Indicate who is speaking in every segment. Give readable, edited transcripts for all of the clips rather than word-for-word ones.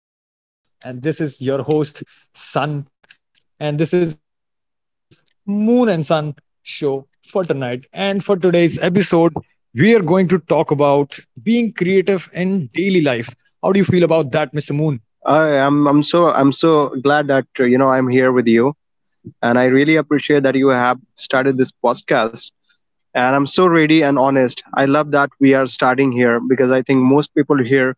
Speaker 1: We have Mr. Moon with us, and this is your host, Sun. And this is Moon and Sun show for tonight. And for today's episode, we are going to talk about being creative in daily life. How do you feel about that, Mr. Moon?
Speaker 2: I'm so glad that I'm here with you, and I really appreciate that you have started this podcast. And I'm so ready and honest. I love that we are starting here because I think most people here.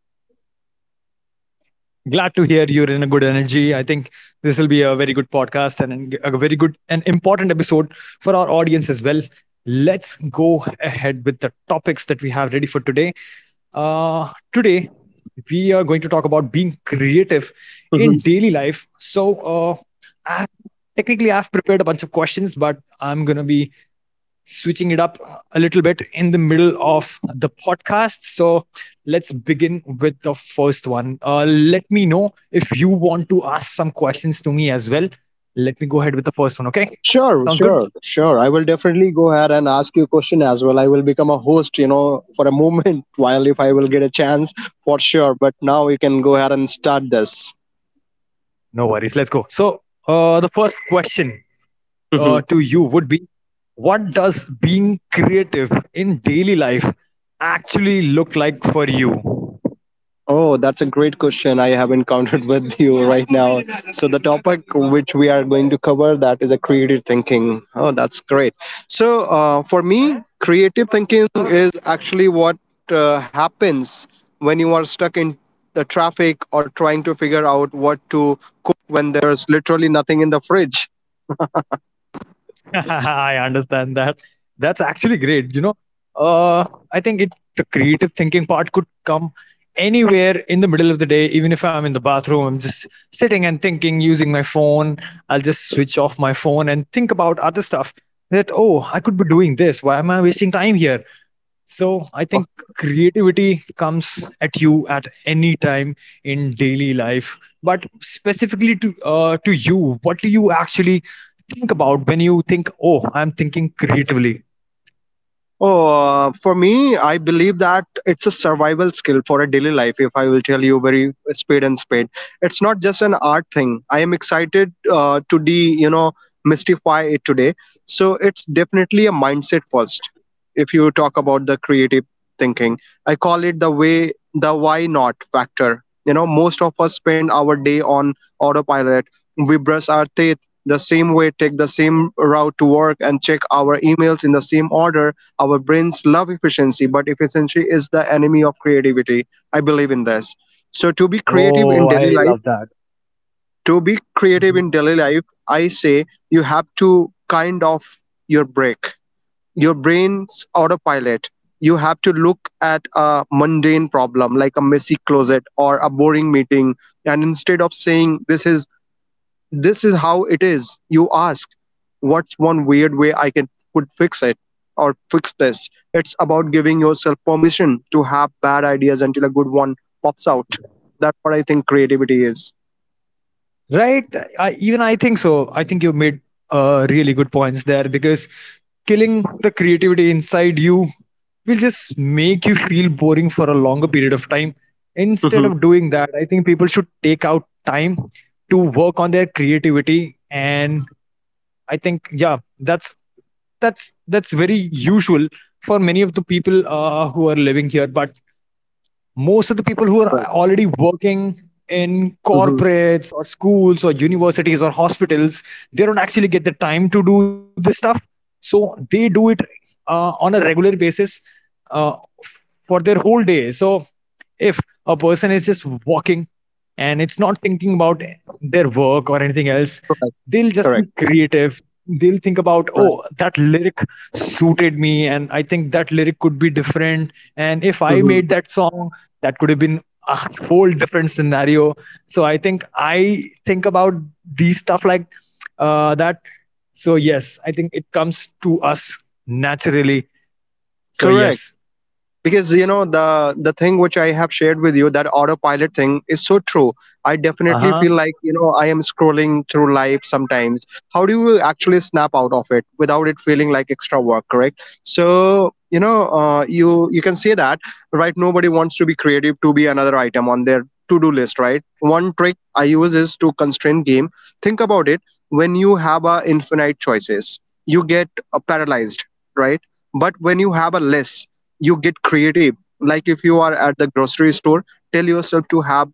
Speaker 1: Glad to hear you're in a good energy. I think this will be a very good podcast and a very good and important episode for our audience as well. Let's go ahead with the topics that we have ready for today. Uh, Today, we are going to talk about being creative in daily life.
Speaker 2: Mhm.
Speaker 1: I, Technically, I've prepared a bunch of questions, but I'm going to be switching it up a little bit in the middle of the podcast. So let's begin with the first one. Let me know if you want to ask some questions to me as well. Let me go ahead with the first one. Okay. Sounds
Speaker 2: Sure,
Speaker 1: good?
Speaker 2: sure, sure. I will definitely go ahead and ask you a question as well. I will become a host, you know, for a moment while if I will get a chance for sure. But now you can go ahead and start this.
Speaker 1: No worries. Let's go. The first question
Speaker 2: Mhm.
Speaker 1: to you would be, what does being creative in daily life actually look like for you?
Speaker 2: Oh, that's a great question I have encountered with you right now. So the topic which we are going to cover that is a creative thinking. Oh, that's great. So for me, creative.
Speaker 1: I understand that. That's actually great. You know, uh, I think it the creative thinking part could come anywhere in the middle of the day. Even if I'm in the bathroom, I'm just sitting and thinking, using my phone. I'll just switch off my phone and think about other stuff. That, oh, I could be doing this. Why am I wasting time here? So I think creativity comes at you at any time in daily life, but specifically to you, what do you actually think about when you think, "Oh, I'm thinking creatively"?
Speaker 2: Oh, for me, I believe that it's a survival skill for a daily life. If I will tell you very spade and spade, it's not just an art thing. I am excited to de, you know, mystify it today. So it's definitely a mindset first. If you talk about the creative thinking, I call it the why not factor. You know, most of us spend our day on autopilot. We brush our teeth the same way, take the same route to work, and check our emails in the same order. Our brains love efficiency, but efficiency is the enemy of creativity. I believe in this. So
Speaker 1: Oh, I love that.
Speaker 2: to be creative
Speaker 1: Mhm.
Speaker 2: in daily life, I say you have to kind of your break, your brain's autopilot. You have to look at a mundane problem like a messy closet or a boring meeting, and instead of saying this is how it is, you ask, what's one weird way I can could fix it or fix this? It's about giving yourself permission to have bad ideas until a good one pops out. That's what I think creativity is.
Speaker 1: Right? Even I think so. I think you made really good points there because killing the creativity inside you will just make you feel boring for a longer period of time. Instead
Speaker 2: Hmm.
Speaker 1: of doing that, I think people should take out time to work on their creativity. And I think, yeah, that's very usual for many of the people who are living here. But most of the people who are
Speaker 2: Right.
Speaker 1: already working in
Speaker 2: Hmm.
Speaker 1: corporates or schools or universities or hospitals, they don't actually get the time to do this stuff, so they do it on a regular basis uh, for their whole day. So if a person is just walking and it's not thinking about their work or anything else,
Speaker 2: Correct.
Speaker 1: they'll just be
Speaker 2: Correct.
Speaker 1: creative. They'll think about, oh,
Speaker 2: Right.
Speaker 1: that lyric suited me, and I think that lyric could be different, and if I
Speaker 2: Hmm.
Speaker 1: made that song, that could have been a whole different scenario. So I think about these stuff like that. So yes, I think it comes to us naturally, so
Speaker 2: Correct.
Speaker 1: yes.
Speaker 2: Because you know, the thing which I have shared with you, that autopilot thing is so true. I definitely feel like, you know, I am scrolling through life sometimes. How do you actually snap out of it without it feeling like extra work? Correct. So, you know, you can say that, right? Nobody wants to be creative to be another item on their to do list, right? One trick I use is to constrain game. Think about it. When you have a infinite choices, you get paralyzed, right? But when you have a list, you get creative. Like if you are at the grocery store, tell yourself to have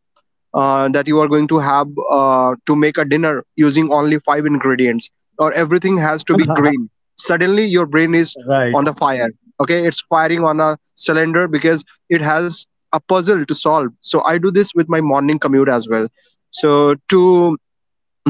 Speaker 2: that you are going to have to make a dinner using only five ingredients, or everything has to be green. Suddenly your brain is on the fire. Okay, it's firing on a cylinder because it has a puzzle to solve. So I do this with my morning commute as well. So to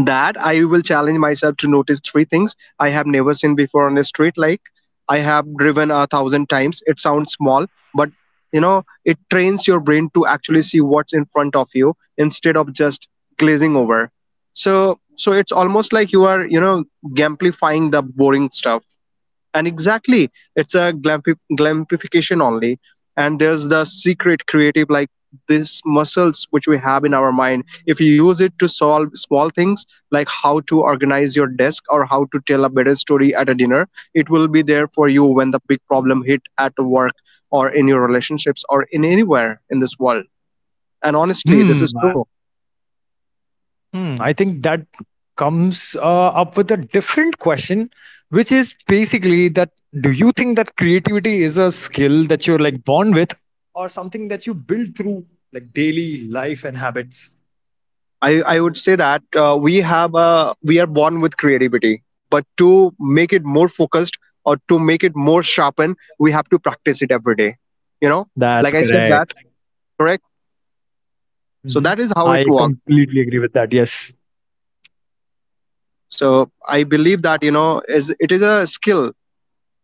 Speaker 2: that, I will challenge myself to notice three things I have never seen before on a street. Like, I have driven a thousand times. It sounds small, but you know, it trains your brain to actually see what's in front of you instead of just glazing over. So so it's almost like you are, you know, gamplifying the boring stuff and exactly it's a glampi- glampification only, and there's the secret creative like this muscles which we have in our mind. If you use it to solve small things, like how to organize your desk or how to tell a better story at a dinner, it will be there for you when the big problem hit at work or in your relationships or in anywhere in this world. And honestly, this
Speaker 1: Hmm.
Speaker 2: is true.
Speaker 1: Hmm, I think that comes up with a different question, which is basically that do you think that creativity is a skill that you're like born with, or something that you build through like daily life and habits?
Speaker 2: I would say that we have a we are born with creativity, but to make it more focused or to make it more sharpened, we have to practice it every day. You know,
Speaker 1: That's
Speaker 2: like I said that.
Speaker 1: correct.
Speaker 2: Correct. So
Speaker 1: Mhm.
Speaker 2: that is how it
Speaker 1: I
Speaker 2: works.
Speaker 1: completely agree with that. Yes.
Speaker 2: So I believe that, you know, is it is a skill.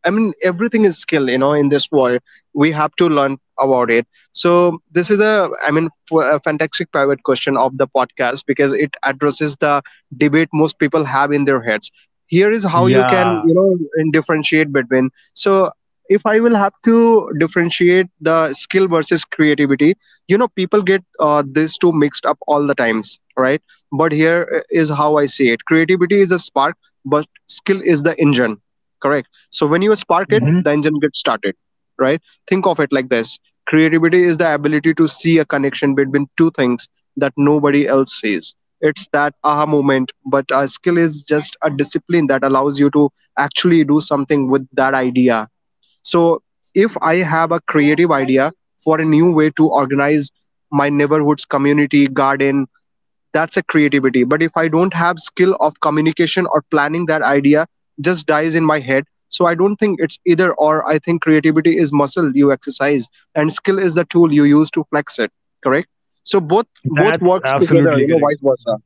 Speaker 2: I mean, everything is skill, you know, in this world. We have to learn about it. So this is a, I mean, a fantastic private question of the podcast because it addresses the debate most people have in their heads. Here is how you can, you
Speaker 1: Yeah.
Speaker 2: know, and differentiate between. So if I will have to differentiate the skill versus creativity, you know, people get these two mixed up all the times, right? But here is how I see it: creativity is a spark, but skill is the engine. Correct. So when you spark it,
Speaker 1: Mhm.
Speaker 2: the engine gets started, right? Think of it like this. Creativity is the ability to see a connection between two things that nobody else sees. It's that aha moment, but a skill is just a discipline that allows you to actually do something with that idea. So if I have a creative idea for a new way to organize my neighborhood's community garden, that's a creativity. But if I don't have skill of communication or planning, that idea just dies in my head. So I don't think it's either or. I think creativity is muscle you exercise, and skill is the tool you use to flex it. Correct. So both, both
Speaker 1: That's
Speaker 2: works together,
Speaker 1: absolutely
Speaker 2: you know,
Speaker 1: correct.
Speaker 2: vice versa.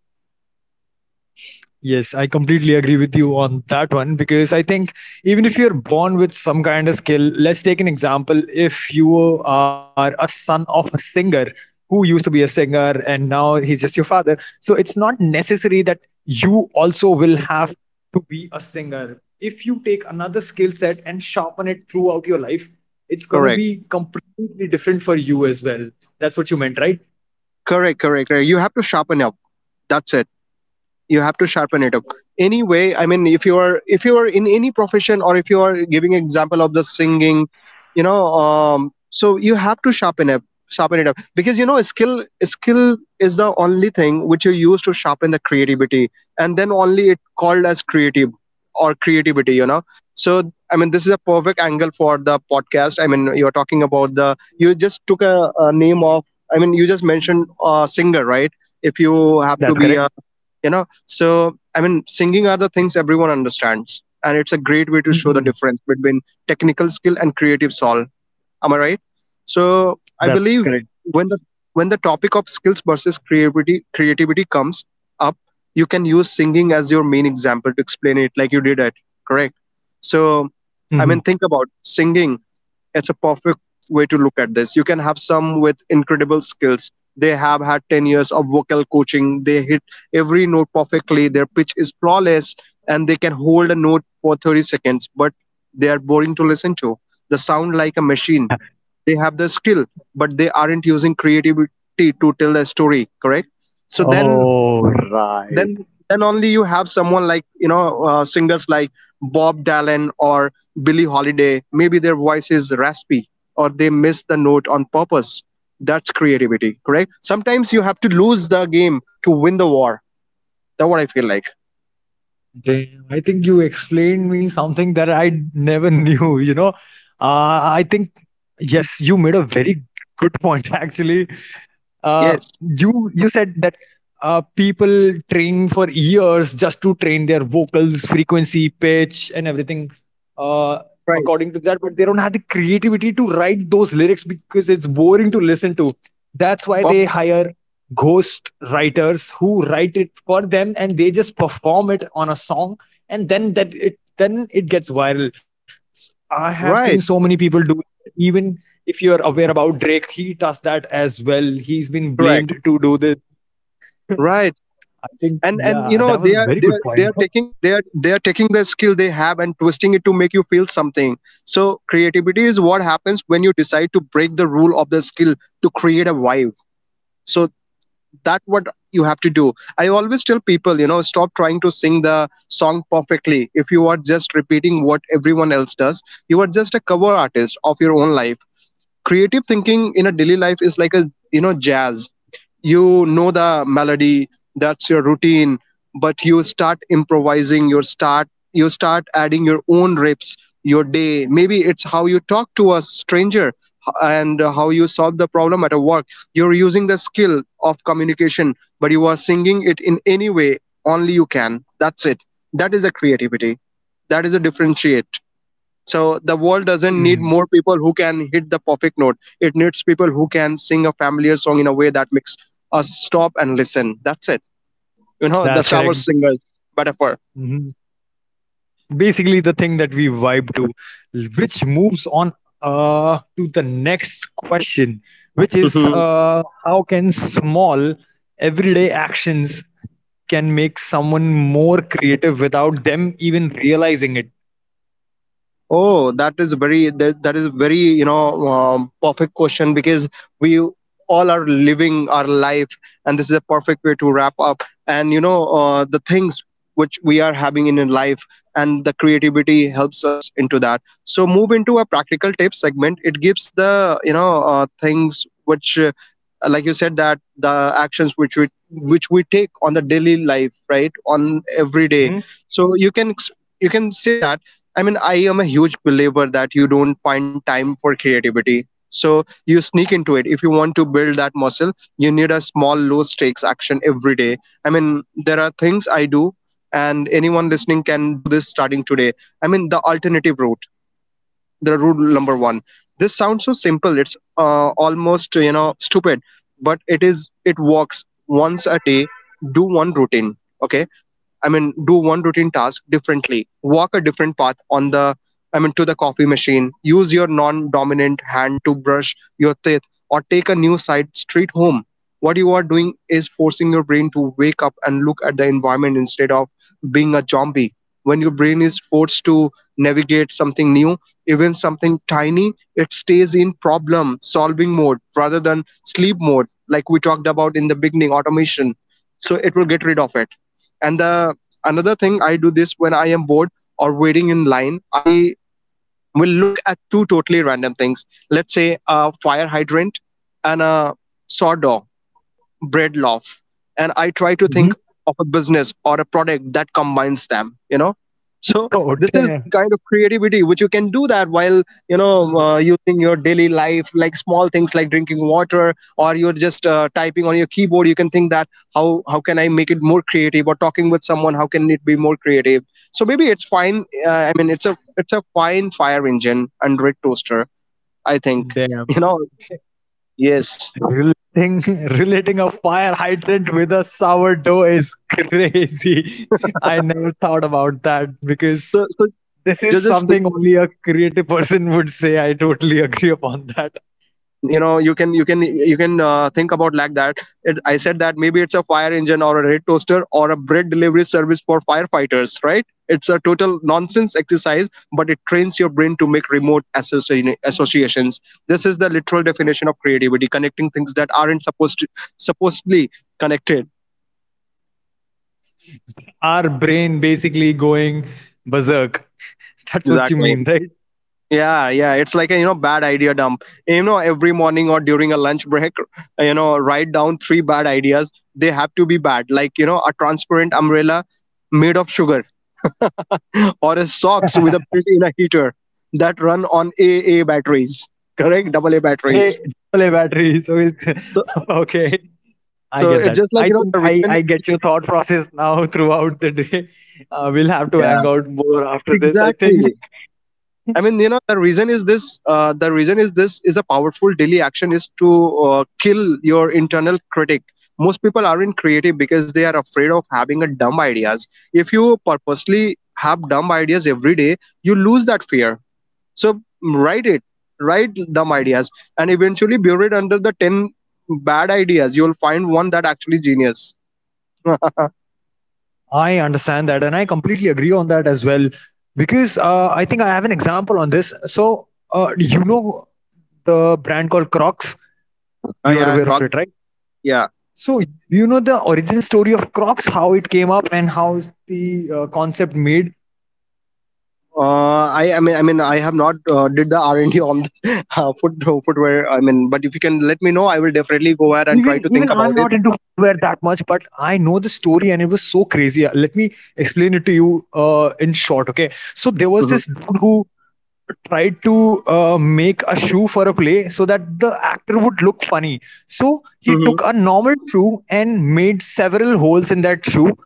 Speaker 1: Yes, I completely agree with you on that one because I think even if you're born with some kind of skill, let's take an example. If you are a son of a singer who used to be a singer and now he's just your father, so it's not necessary that you also will have to be a singer. If you take another skill set and sharpen it throughout your life, it's going to
Speaker 2: correct
Speaker 1: be completely different for you as well. That's what you meant, right?
Speaker 2: correct correct, correct. You have to sharpen up, that's it. You have to sharpen it up anyway. I mean, if you are in any profession, or if you are giving example of the singing, you know, so you have to sharpen it up, because you know, skill is the only thing which you use to sharpen the creativity, and then only it called as creative or creativity, you know. So I mean, this is a perfect angle for the podcast. I mean, you're talking about the, you just took a name of, I mean, you just mentioned a singer, right? If you have
Speaker 1: That's
Speaker 2: to be
Speaker 1: correct.
Speaker 2: a, you know. So, I mean, singing are the things everyone understands, and it's a great way to show the
Speaker 1: Hmm.
Speaker 2: difference between technical skill and creative soul. Am I right? So, I
Speaker 1: That's correct.
Speaker 2: believe when the when the topic of skills versus creativity creativity comes up, you can use singing as your main example to explain it, like you did it. Correct. So,
Speaker 1: Hmm.
Speaker 2: I mean, think about singing, it's a perfect way to look at this. You can have some with incredible skills. They have had 10 years of vocal coaching. They hit every note perfectly. Their pitch is flawless, and they can hold a note for 30 seconds, but they are boring to listen to. They sound like a machine. They have the skill, but they aren't using creativity to tell the story, correct? So then
Speaker 1: Oh, right.
Speaker 2: then then only you have someone like, you know, singers like Bob Dylan or Billie Holiday. Maybe their voice is raspy, or they miss the note on purpose. That's creativity, correct? Sometimes you have to lose the game to win the war. That's what I feel like.
Speaker 1: Damn, I think you explained me something that I never knew, you know. I think, yes, you made a very good point actually. uh,
Speaker 2: Yes.
Speaker 1: you you said that people train for years just to train their vocals, frequency, pitch, and everything uh,
Speaker 2: Right.
Speaker 1: according to that, but they don't have the creativity to write those lyrics because it's boring to listen to. That's why
Speaker 2: Pop-.
Speaker 1: they hire ghost writers who write it for them, and they just perform it on a song, and then it gets viral. I have seen so many
Speaker 2: Right.
Speaker 1: people do it. Even if you're aware about Drake, he does that as well. He's been blamed
Speaker 2: Correct.
Speaker 1: to do this.
Speaker 2: Right.
Speaker 1: I think,
Speaker 2: And
Speaker 1: yeah,
Speaker 2: you
Speaker 1: that was
Speaker 2: know,
Speaker 1: a
Speaker 2: they
Speaker 1: very
Speaker 2: are
Speaker 1: good
Speaker 2: they are
Speaker 1: point.
Speaker 2: they are taking the skill they have and twisting it to make you feel something. So creativity is what happens when you decide to break the rule of the skill to create a vibe. So that what you have to do. I always tell people, you know, stop trying to sing the song perfectly. If you are just repeating what everyone else does, you are just a cover artist of your own life. Creative thinking in a daily life is like a, you know, jazz. You know, the melody, that's your routine. But you start improvising, you start adding your own rips your day. Maybe it's how you talk to a stranger and how you solve the problem at a work. You're using the skill of communication, but you are singing it in any way only you can. That's it. That is a creativity. That is a differentiate. So the world doesn't need
Speaker 1: Mm,
Speaker 2: more people who can hit the perfect note. It needs people who can sing a familiar song in a way that makes us stop and listen. That's it. You know, the
Speaker 1: that's
Speaker 2: shower
Speaker 1: correct.
Speaker 2: singer metaphor.
Speaker 1: Mhm. Basically, the thing that we vibe to, which moves on to the next question, which is, how can small everyday actions can make someone more creative without them even realizing it?
Speaker 2: Oh, that, that is very, you know, perfect question, because we all are living our life, and this is a perfect way to wrap up. And you know, the things which we are having in life, and the creativity helps us into that. So move into a practical tip segment. It gives the things which, like you said, that the actions which we take on the daily life, right, on every day,
Speaker 1: Mm-hmm.
Speaker 2: so you can say that. I mean, I am a huge believer that you don't find time for creativity, so you sneak into it. If you want to build that muscle, you need a small, low stakes action every day. I mean, there are things I do, and anyone listening can do this starting today. I mean, the alternative route, the rule number one. This sounds so simple, it's almost stupid, but it works. Once a day, do one routine. Okay. I mean, do one routine task differently, walk a different path I mean, to the coffee machine, use your non dominant hand to brush your teeth, or take a new side street home. What you are doing is forcing your brain to wake up and look at the environment instead of being a zombie. When your brain is forced to navigate something new, even something tiny, it stays in problem solving mode rather than sleep mode, like we talked about in the beginning, automation. So it will get rid of it, and the another thing I do this when I am bored or waiting in line, I will look at two totally random things. Let's say a fire hydrant and a sawdog bread loaf, and I try to
Speaker 1: Mm-hmm.
Speaker 2: think of a business or a product that combines them. So
Speaker 1: Oh,
Speaker 2: this is
Speaker 1: damn!
Speaker 2: kind of creativity which you can do that while using your daily life, like small things like drinking water, or you're just typing on your keyboard. You can think that, how can I make it more creative, or talking with someone, how can it be more creative? So maybe it's fine. I mean, it's a fine fire engine and red toaster I think.
Speaker 1: Damn.
Speaker 2: you know yes.
Speaker 1: Relating a fire hydrant with a sourdough is crazy. I never thought about that because
Speaker 2: So
Speaker 1: this is
Speaker 2: just
Speaker 1: something only a creative person would say. I totally agree upon that.
Speaker 2: you can think about like that. I said that maybe it's a fire engine or a red toaster or a bread delivery service for firefighters, right? It's a total nonsense exercise, but it trains your brain to make remote associations. This is the literal definition of creativity, connecting things that aren't supposedly connected.
Speaker 1: Our brain basically going berserk. That's what you
Speaker 2: Exactly.
Speaker 1: mean, right?
Speaker 2: Yeah, yeah, it's like a bad idea dump. Every morning or during a lunch break, write down three bad ideas. They have to be bad, like a transparent umbrella made of sugar, or a socks with a built-in a heater that run on AA batteries. Correct, double A
Speaker 1: Hey,
Speaker 2: batteries.
Speaker 1: AA battery. So it's
Speaker 2: So,
Speaker 1: okay. I
Speaker 2: so
Speaker 1: get
Speaker 2: it's
Speaker 1: that.
Speaker 2: just like
Speaker 1: I think
Speaker 2: the
Speaker 1: I,
Speaker 2: reason.
Speaker 1: I get your thought process now throughout the day. We'll have to
Speaker 2: Yeah,
Speaker 1: hang out more after this, I think.
Speaker 2: exactly. I mean, the reason is this. The reason is this is a powerful daily action is to kill your internal critic. Most people aren't creative because they are afraid of having a dumb ideas. If you purposely have dumb ideas every day, you lose that fear. So write it, write dumb ideas, and eventually bury it under the 10 bad ideas. You'll find one that actually genius. Oh,
Speaker 1: I understand that, and I completely agree on that as well, because I think I have an example on this. So, you know the brand called Crocs. You are
Speaker 2: yeah,
Speaker 1: aware of
Speaker 2: talk,
Speaker 1: it, right?
Speaker 2: yeah.
Speaker 1: So, you know the origin story of Crocs, how it came up, and how is the concept made.
Speaker 2: I mean, I have not did the R&D on this footwear. I mean, but if you can let me know, I will definitely go ahead and try
Speaker 1: Even
Speaker 2: to
Speaker 1: even
Speaker 2: think about
Speaker 1: I'm
Speaker 2: it.
Speaker 1: not into footwear that much, but I know the story, and it was so crazy. Let me explain it to you in short. Okay, so there was this
Speaker 2: Mm-hmm.
Speaker 1: dude who tried to make a shoe for a play so that the actor would look funny. So he
Speaker 2: Mm-hmm.
Speaker 1: took a normal shoe and made several holes in that shoe,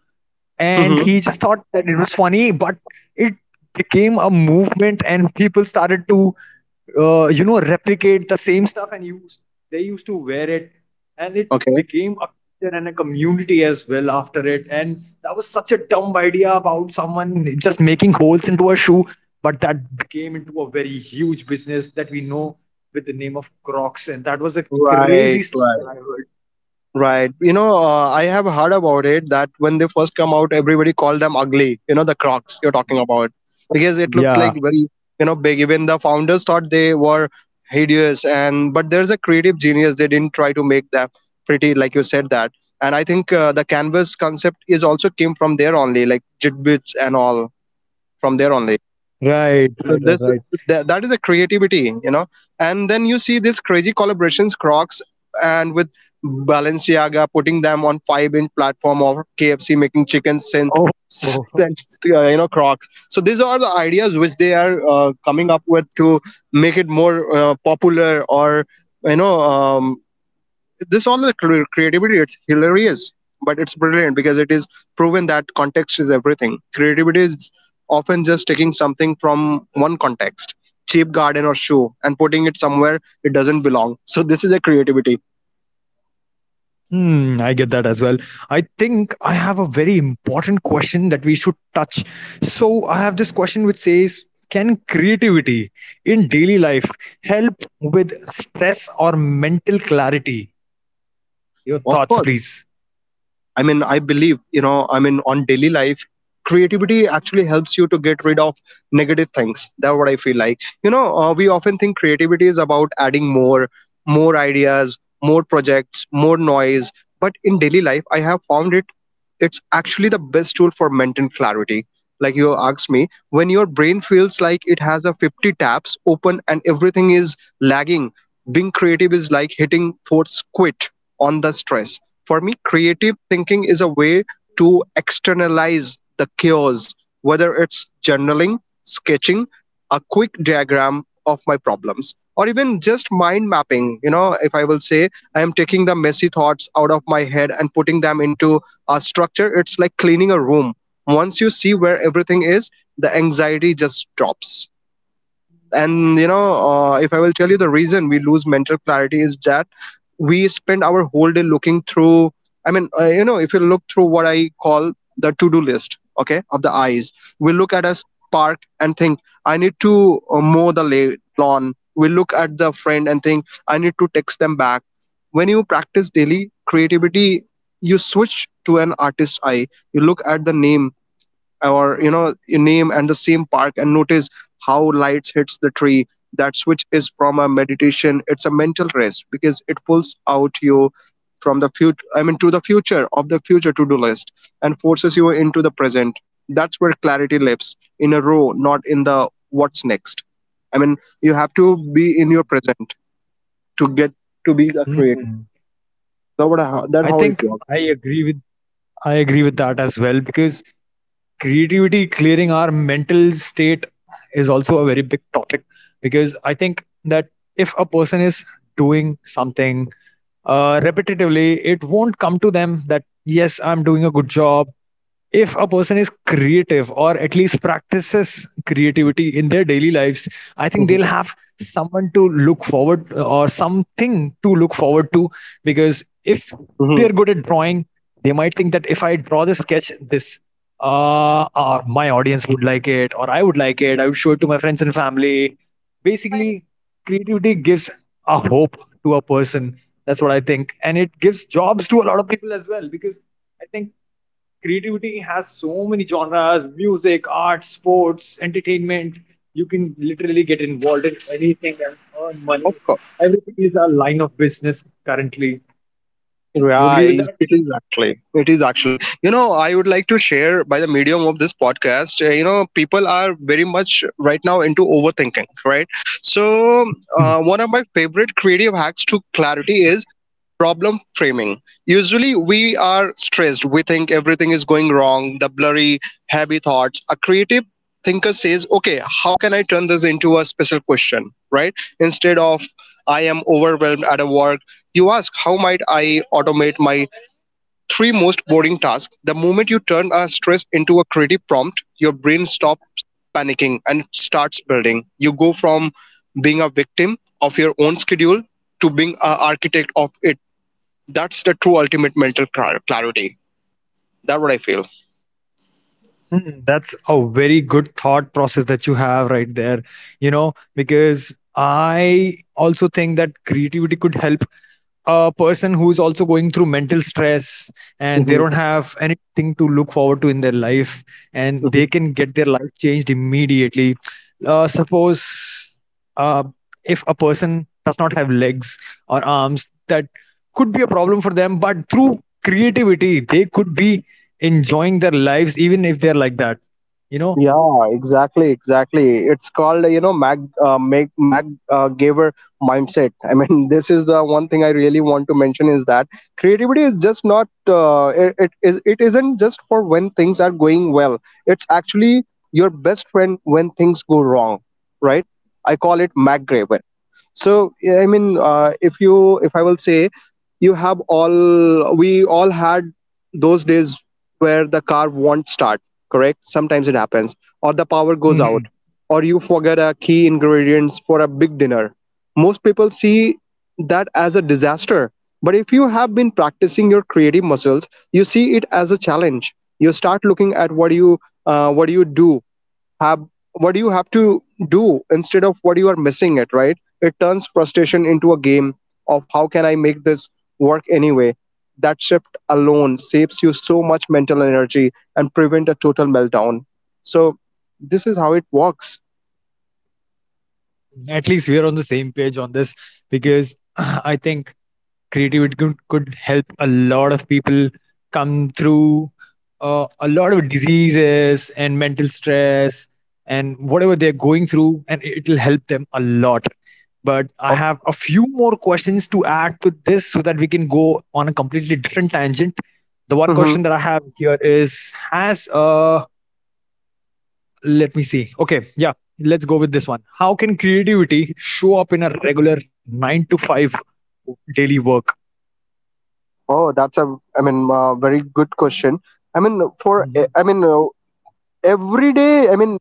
Speaker 1: and
Speaker 2: Hmm.
Speaker 1: he just thought that it was funny, but it became a movement, and people started to you know replicate the same stuff and use they used to wear it, and it
Speaker 2: Okay.
Speaker 1: became a culture and a community as well after it. And that was such a dumb idea about someone just making holes into a shoe, but that became into a very huge business that we know with the name of Crocs, and that was a
Speaker 2: Right.
Speaker 1: crazy story
Speaker 2: Right.
Speaker 1: that I heard.
Speaker 2: Right. I have heard about it that when they first come out, everybody called them ugly, the Crocs you're talking about, because it looked like
Speaker 1: Yeah.
Speaker 2: very big. Even the founders thought they were hideous, and but there's a creative genius. They didn't try to make them pretty, like you said that. And I think the canvas concept is also came from there only, like Jitbits and all from there only.
Speaker 1: Right.
Speaker 2: So this that is a creativity. And then you see these crazy collaborations, Crocs and with Balenciaga putting them on 5 inch platform, or KFC making chicken sin
Speaker 1: Oh.
Speaker 2: sin- Crocs. So these are the ideas which they are coming up with to make it more popular, or you know um, this all the creativity. It's hilarious, but it's brilliant because it is proven that context is everything. Creativity is often just taking something from one context, cheap garden or shoe, and putting it somewhere it doesn't belong. So this is a creativity.
Speaker 1: Hmm, I get that as well. I think I have a very important question that we should touch. So, I have this question which says, can creativity in daily life help with stress or mental clarity? Your thoughts,
Speaker 2: Of course.
Speaker 1: please.
Speaker 2: I mean, I believe, I mean, on daily life, creativity actually helps you to get rid of negative things. That's what I feel like. We often think creativity is about adding more, more ideas, more projects, more noise. But in daily life, I have found it, it's actually the best tool for mental clarity. Like you asked me, when your brain feels like it has a 50 tabs open and everything is lagging, being creative is like hitting force quit on the stress. For me, creative thinking is a way to externalize the chaos, whether it's journaling, sketching a quick diagram of my problems, or even just mind mapping. If I will say, I am taking the messy thoughts out of my head and putting them into a structure. It's like cleaning a room. Once you see where everything is, the anxiety just drops. And if I will tell you, the reason we lose mental clarity is that we spend our whole day looking through, I mean, if you look through what I call the to do list, okay, of the eyes. We look at a park and think, I need to mow the lawn. We look at the friend and think, I need to text them back. When you practice daily creativity, you switch to an artist's eye. You look at the name or you name, and the same park, and notice how lights hits the tree. That switch is from a meditation, it's a mental rest because it pulls out you from the future, I mean, to the future of the future to do list, and forces you into the present. That's where clarity lives, in a row, not in the what's next. I mean, you have to be in your present to get to be a creator.
Speaker 1: Hmm. I
Speaker 2: That how
Speaker 1: think
Speaker 2: it
Speaker 1: I
Speaker 2: works.
Speaker 1: agree with I agree with that as well because creativity clearing our mental state is also a very big topic because I think that if a person is doing something repetitively, it won't come to them that yes, I'm doing a good job. If a person is creative or at least practices creativity in their daily lives, I think
Speaker 2: Mhm.
Speaker 1: they'll have someone to look forward, or something to look forward to, because if they're
Speaker 2: Mhm.
Speaker 1: good at drawing, they might think that if I draw this sketch, this, my audience would like it, or I would like it, I would show it to my friends and family. Basically, creativity gives a hope to a person. That's what I think. And it gives jobs to a lot of people as well, because I think creativity has so many genres: music, art, sports, entertainment. You can literally get involved in anything and earn
Speaker 2: Of
Speaker 1: money.
Speaker 2: course.
Speaker 1: Everything is a line of business currently. You
Speaker 2: Right,
Speaker 1: agree with
Speaker 2: it
Speaker 1: that?
Speaker 2: is actually. It is actually. I would like to share by the medium of this podcast. People are very much right now into overthinking, right? So,
Speaker 1: Hmm.
Speaker 2: one of my favorite creative hacks to clarity is problem framing. Usually, we are stressed, we think everything is going wrong, the blurry, heavy thoughts. A creative thinker says, okay, how can I turn this into a special question, right? Instead of, I am overwhelmed at a work, you ask, how might I automate my three most boring tasks? The moment you turn a stress into a creative prompt, your brain stops panicking and starts building. You go from being a victim of your own schedule to being an architect of it. That's the true ultimate mental clarity. That's what I feel.
Speaker 1: Hmm, that's a very good thought process that you have right there, you know, because I also think that creativity could help a person who is also going through mental stress and they
Speaker 2: Hmm.
Speaker 1: don't have anything to look forward to in their life, and
Speaker 2: Hmm.
Speaker 1: they can get their life changed immediately. Suppose uh, if a person does not have legs or arms, that could be a problem for them, but through creativity, they could be enjoying their lives even if they're like that, you
Speaker 2: Yeah,
Speaker 1: know.
Speaker 2: exactly, exactly. It's called Mag Giver mindset. I mean, this is the one thing I really want to mention is that creativity is just not it isn't just for when things are going well. It's actually your best friend when things go wrong, right? I call it Mag Gaver. So yeah, I mean, if I will say you have all we all had those days where the car won't start. Correct, sometimes it happens. Or the power goes out,
Speaker 1: Mhm.
Speaker 2: or you forget a key ingredients for a big dinner. Most people see that as a disaster, but if you have been practicing your creative muscles you see it as a challenge. You start looking at what you do have, what you have to do instead of what you are missing it, right? It turns frustration into a game of how can I make this work anyway. That shift alone saves you so much mental energy and prevent a total meltdown. So this is how it works.
Speaker 1: At least we're on the same page on this because I think creativity could help a lot of people come through a lot of diseases and mental stress and whatever they're going through, and it will help them a lot. But I
Speaker 2: Oh,
Speaker 1: have a few more questions to add to this so that we can go on a completely different tangent. The one
Speaker 2: hmm.
Speaker 1: question that I have here is, as a, let me see. Okay, yeah, let's go with this one. How can creativity show up in a regular 9 to 5 daily work?
Speaker 2: Oh, that's a I mean, very good question. I mean, for
Speaker 1: Mhm.
Speaker 2: I mean, every day, I mean,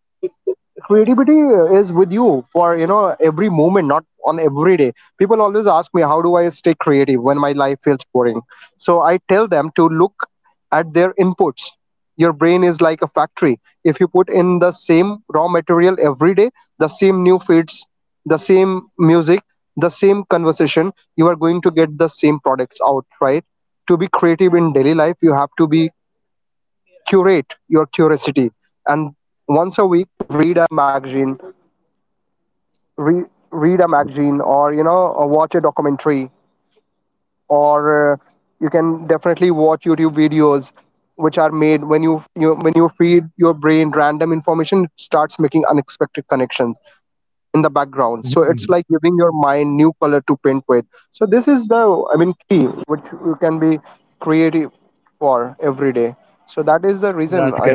Speaker 2: creativity is with you for every moment, not on every day. People always ask me how do I stay creative when my life feels boring. So I tell them to look at their inputs. Your brain is like a factory. If you put in the same raw material every day, the same new feeds, the same music, the same conversation, you are going to get the same products out, right? To be creative in daily life you have to be curate your curiosity and starts making unexpected connections in the background. So it's
Speaker 1: Mhm.
Speaker 2: like giving your mind new color to paint with. So this is the
Speaker 1: That's correct.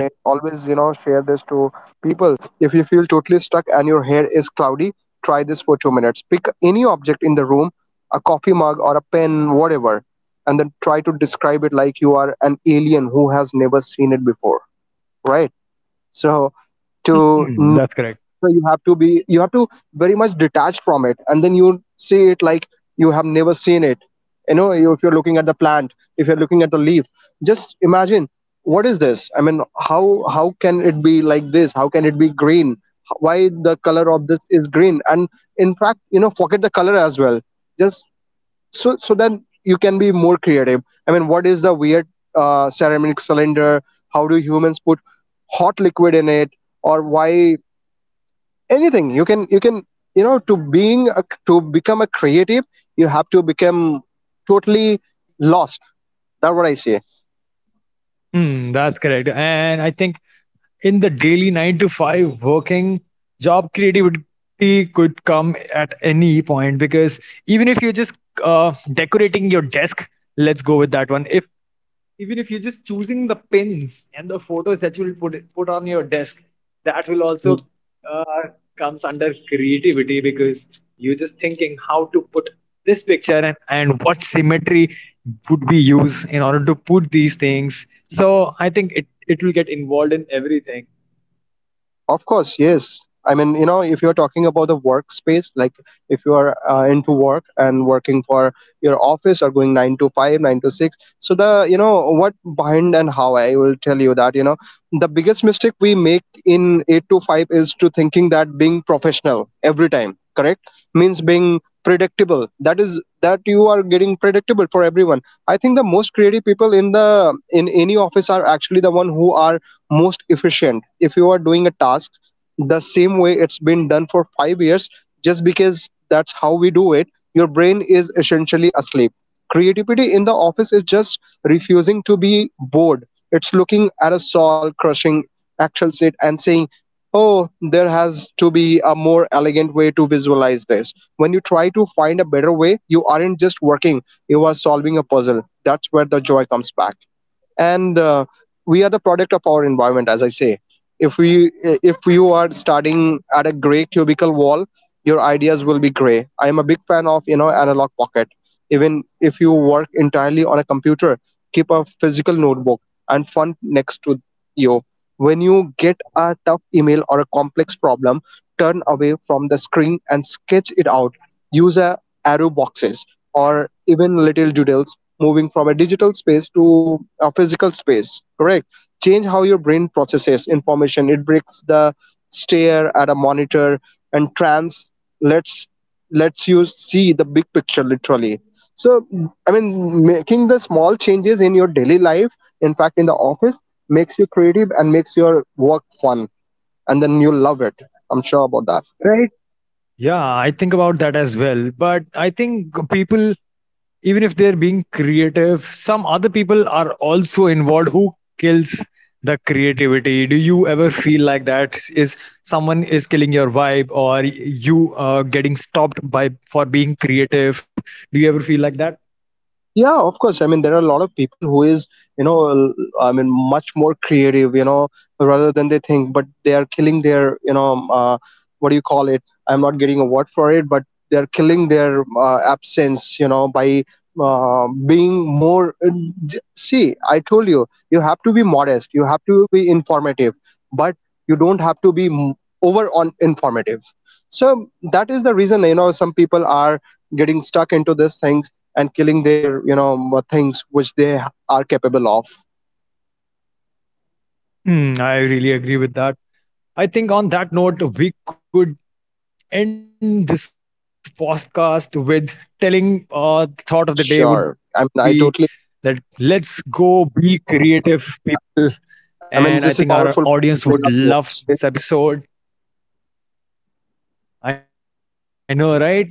Speaker 2: Rowdy, try this for 2 minutes. Pick any object in the room, a coffee mug or a pen, whatever, and then try to describe it like you are an alien who has never seen it before, right? So,
Speaker 1: Mm,
Speaker 2: to
Speaker 1: that's correct.
Speaker 2: so you have to be you have to very much detach from it and then you see it like you have never seen it. If you're looking at the plant if you're looking at the leaf, just imagine what is this. I mean, how how can it be like this? How can it be green? Why the color of this is green? And in fact, forget the color as well. Just, so then you can be more creative. I mean, what is the weird ceramic cylinder? How do humans put hot liquid in it? Or why? Anything you can, you know, to become a creative you have to become totally lost. That's what I say.
Speaker 1: Mm, that's correct. And I think in the daily 9 to 5 working job, creativity could come at any point because even if you're just decorating your desk, let's go with that one. If even if you're just choosing the pins and the photos that you'll put on your desk, that will also uh, comes under creativity because you're just thinking how to put this picture, and what symmetry would be used in order to put these things. So I think it will get involved in everything.
Speaker 2: Of course, yes. I mean, you know, if you're talking about the workspace, like if you are into work and working for your office or going 9 to 5, 9 to 6, so the, you know, what behind and how I will tell you that, you know, the biggest mistake we make in 8 to 5 is to thinking that being professional every time, correct? Means being predictable. That is, that you are getting predictable for everyone. I think the most creative people in in any office are actually the one who are most efficient. If you are doing a task the same way it's been done for 5 years, just because that's how we do it, your brain is essentially asleep. Creativity in the office is just refusing to be bored. It's looking at a soul crushing actual set and saying, oh, there has to be a more elegant way to visualize this. When you try to find a better way you aren't just working, you are solving a puzzle. That's where the joy comes back. And we are the product of our environment, as I say. if we if you are starting at a gray cubicle wall, your ideas will be gray. I am a big fan of, you know, analog pocket. Even if you work entirely on a computer, keep a physical notebook and fun next to you. When you get a tough email or a complex problem, turn away from the screen and sketch it out. Use a arrow boxes or even little doodles. Moving from a digital space to a physical space, correct, change how your brain processes information. It breaks the stare at a monitor and trans lets lets you see the big picture literally. So, I mean, making the small changes in your daily life, in fact in the office, makes you creative and makes your work fun, and then you love it. I'm sure about that.
Speaker 1: Right. Yeah, I think about that as well, but I think people, even if they're being creative, some other people are also involved who kills the creativity. Do you ever feel like that, is someone is killing your vibe or you getting stopped by for being creative? Do you ever feel like that?
Speaker 2: Yeah, of course, I mean there are a lot of people who is, you know, I mean much more creative, you know, rather than they think, but they are killing their, you know, what do you call it, I'm not getting a word for it, but they're killing their absence, you know, by being more, see, I told you, you have to be modest, you have to be informative, but you don't have to be over on informative. So that is the reason, you know, some people are getting stuck into this thing and killing their, you know, things which they are capable of.
Speaker 1: Hmm, I really agree with that. I think on that note we could end this podcast with telling, the thought of the
Speaker 2: Sure,
Speaker 1: day
Speaker 2: I
Speaker 1: would
Speaker 2: mean I
Speaker 1: be
Speaker 2: totally,
Speaker 1: that, let's go, be creative people.
Speaker 2: I mean, this is a
Speaker 1: And I
Speaker 2: powerful
Speaker 1: think our
Speaker 2: bring up
Speaker 1: audience would
Speaker 2: towards.
Speaker 1: love this episode. I know, right?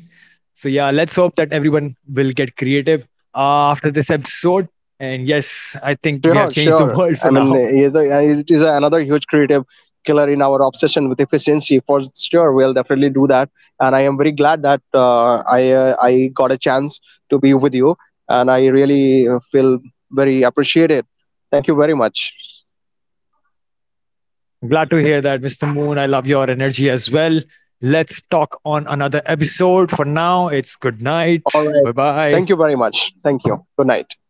Speaker 1: So, yeah, let's hope that everyone will get creative after this episode. And yes, I
Speaker 2: Sure,
Speaker 1: think we have
Speaker 2: sure,
Speaker 1: changed the
Speaker 2: I mean
Speaker 1: world for
Speaker 2: it
Speaker 1: now.
Speaker 2: is it is another huge creative killer in our obsession with efficiency, for sure we'll definitely do that. And I am very glad that I got a chance to be with you, and I really feel very appreciated. Thank you very much.
Speaker 1: Glad to hear that, Mr. Moon. I love your energy as well. Let's talk on another episode.
Speaker 2: All
Speaker 1: For
Speaker 2: right,
Speaker 1: now,
Speaker 2: thank
Speaker 1: it's
Speaker 2: you
Speaker 1: good
Speaker 2: very much,
Speaker 1: night.
Speaker 2: thank you,
Speaker 1: Bye
Speaker 2: good night.
Speaker 1: bye.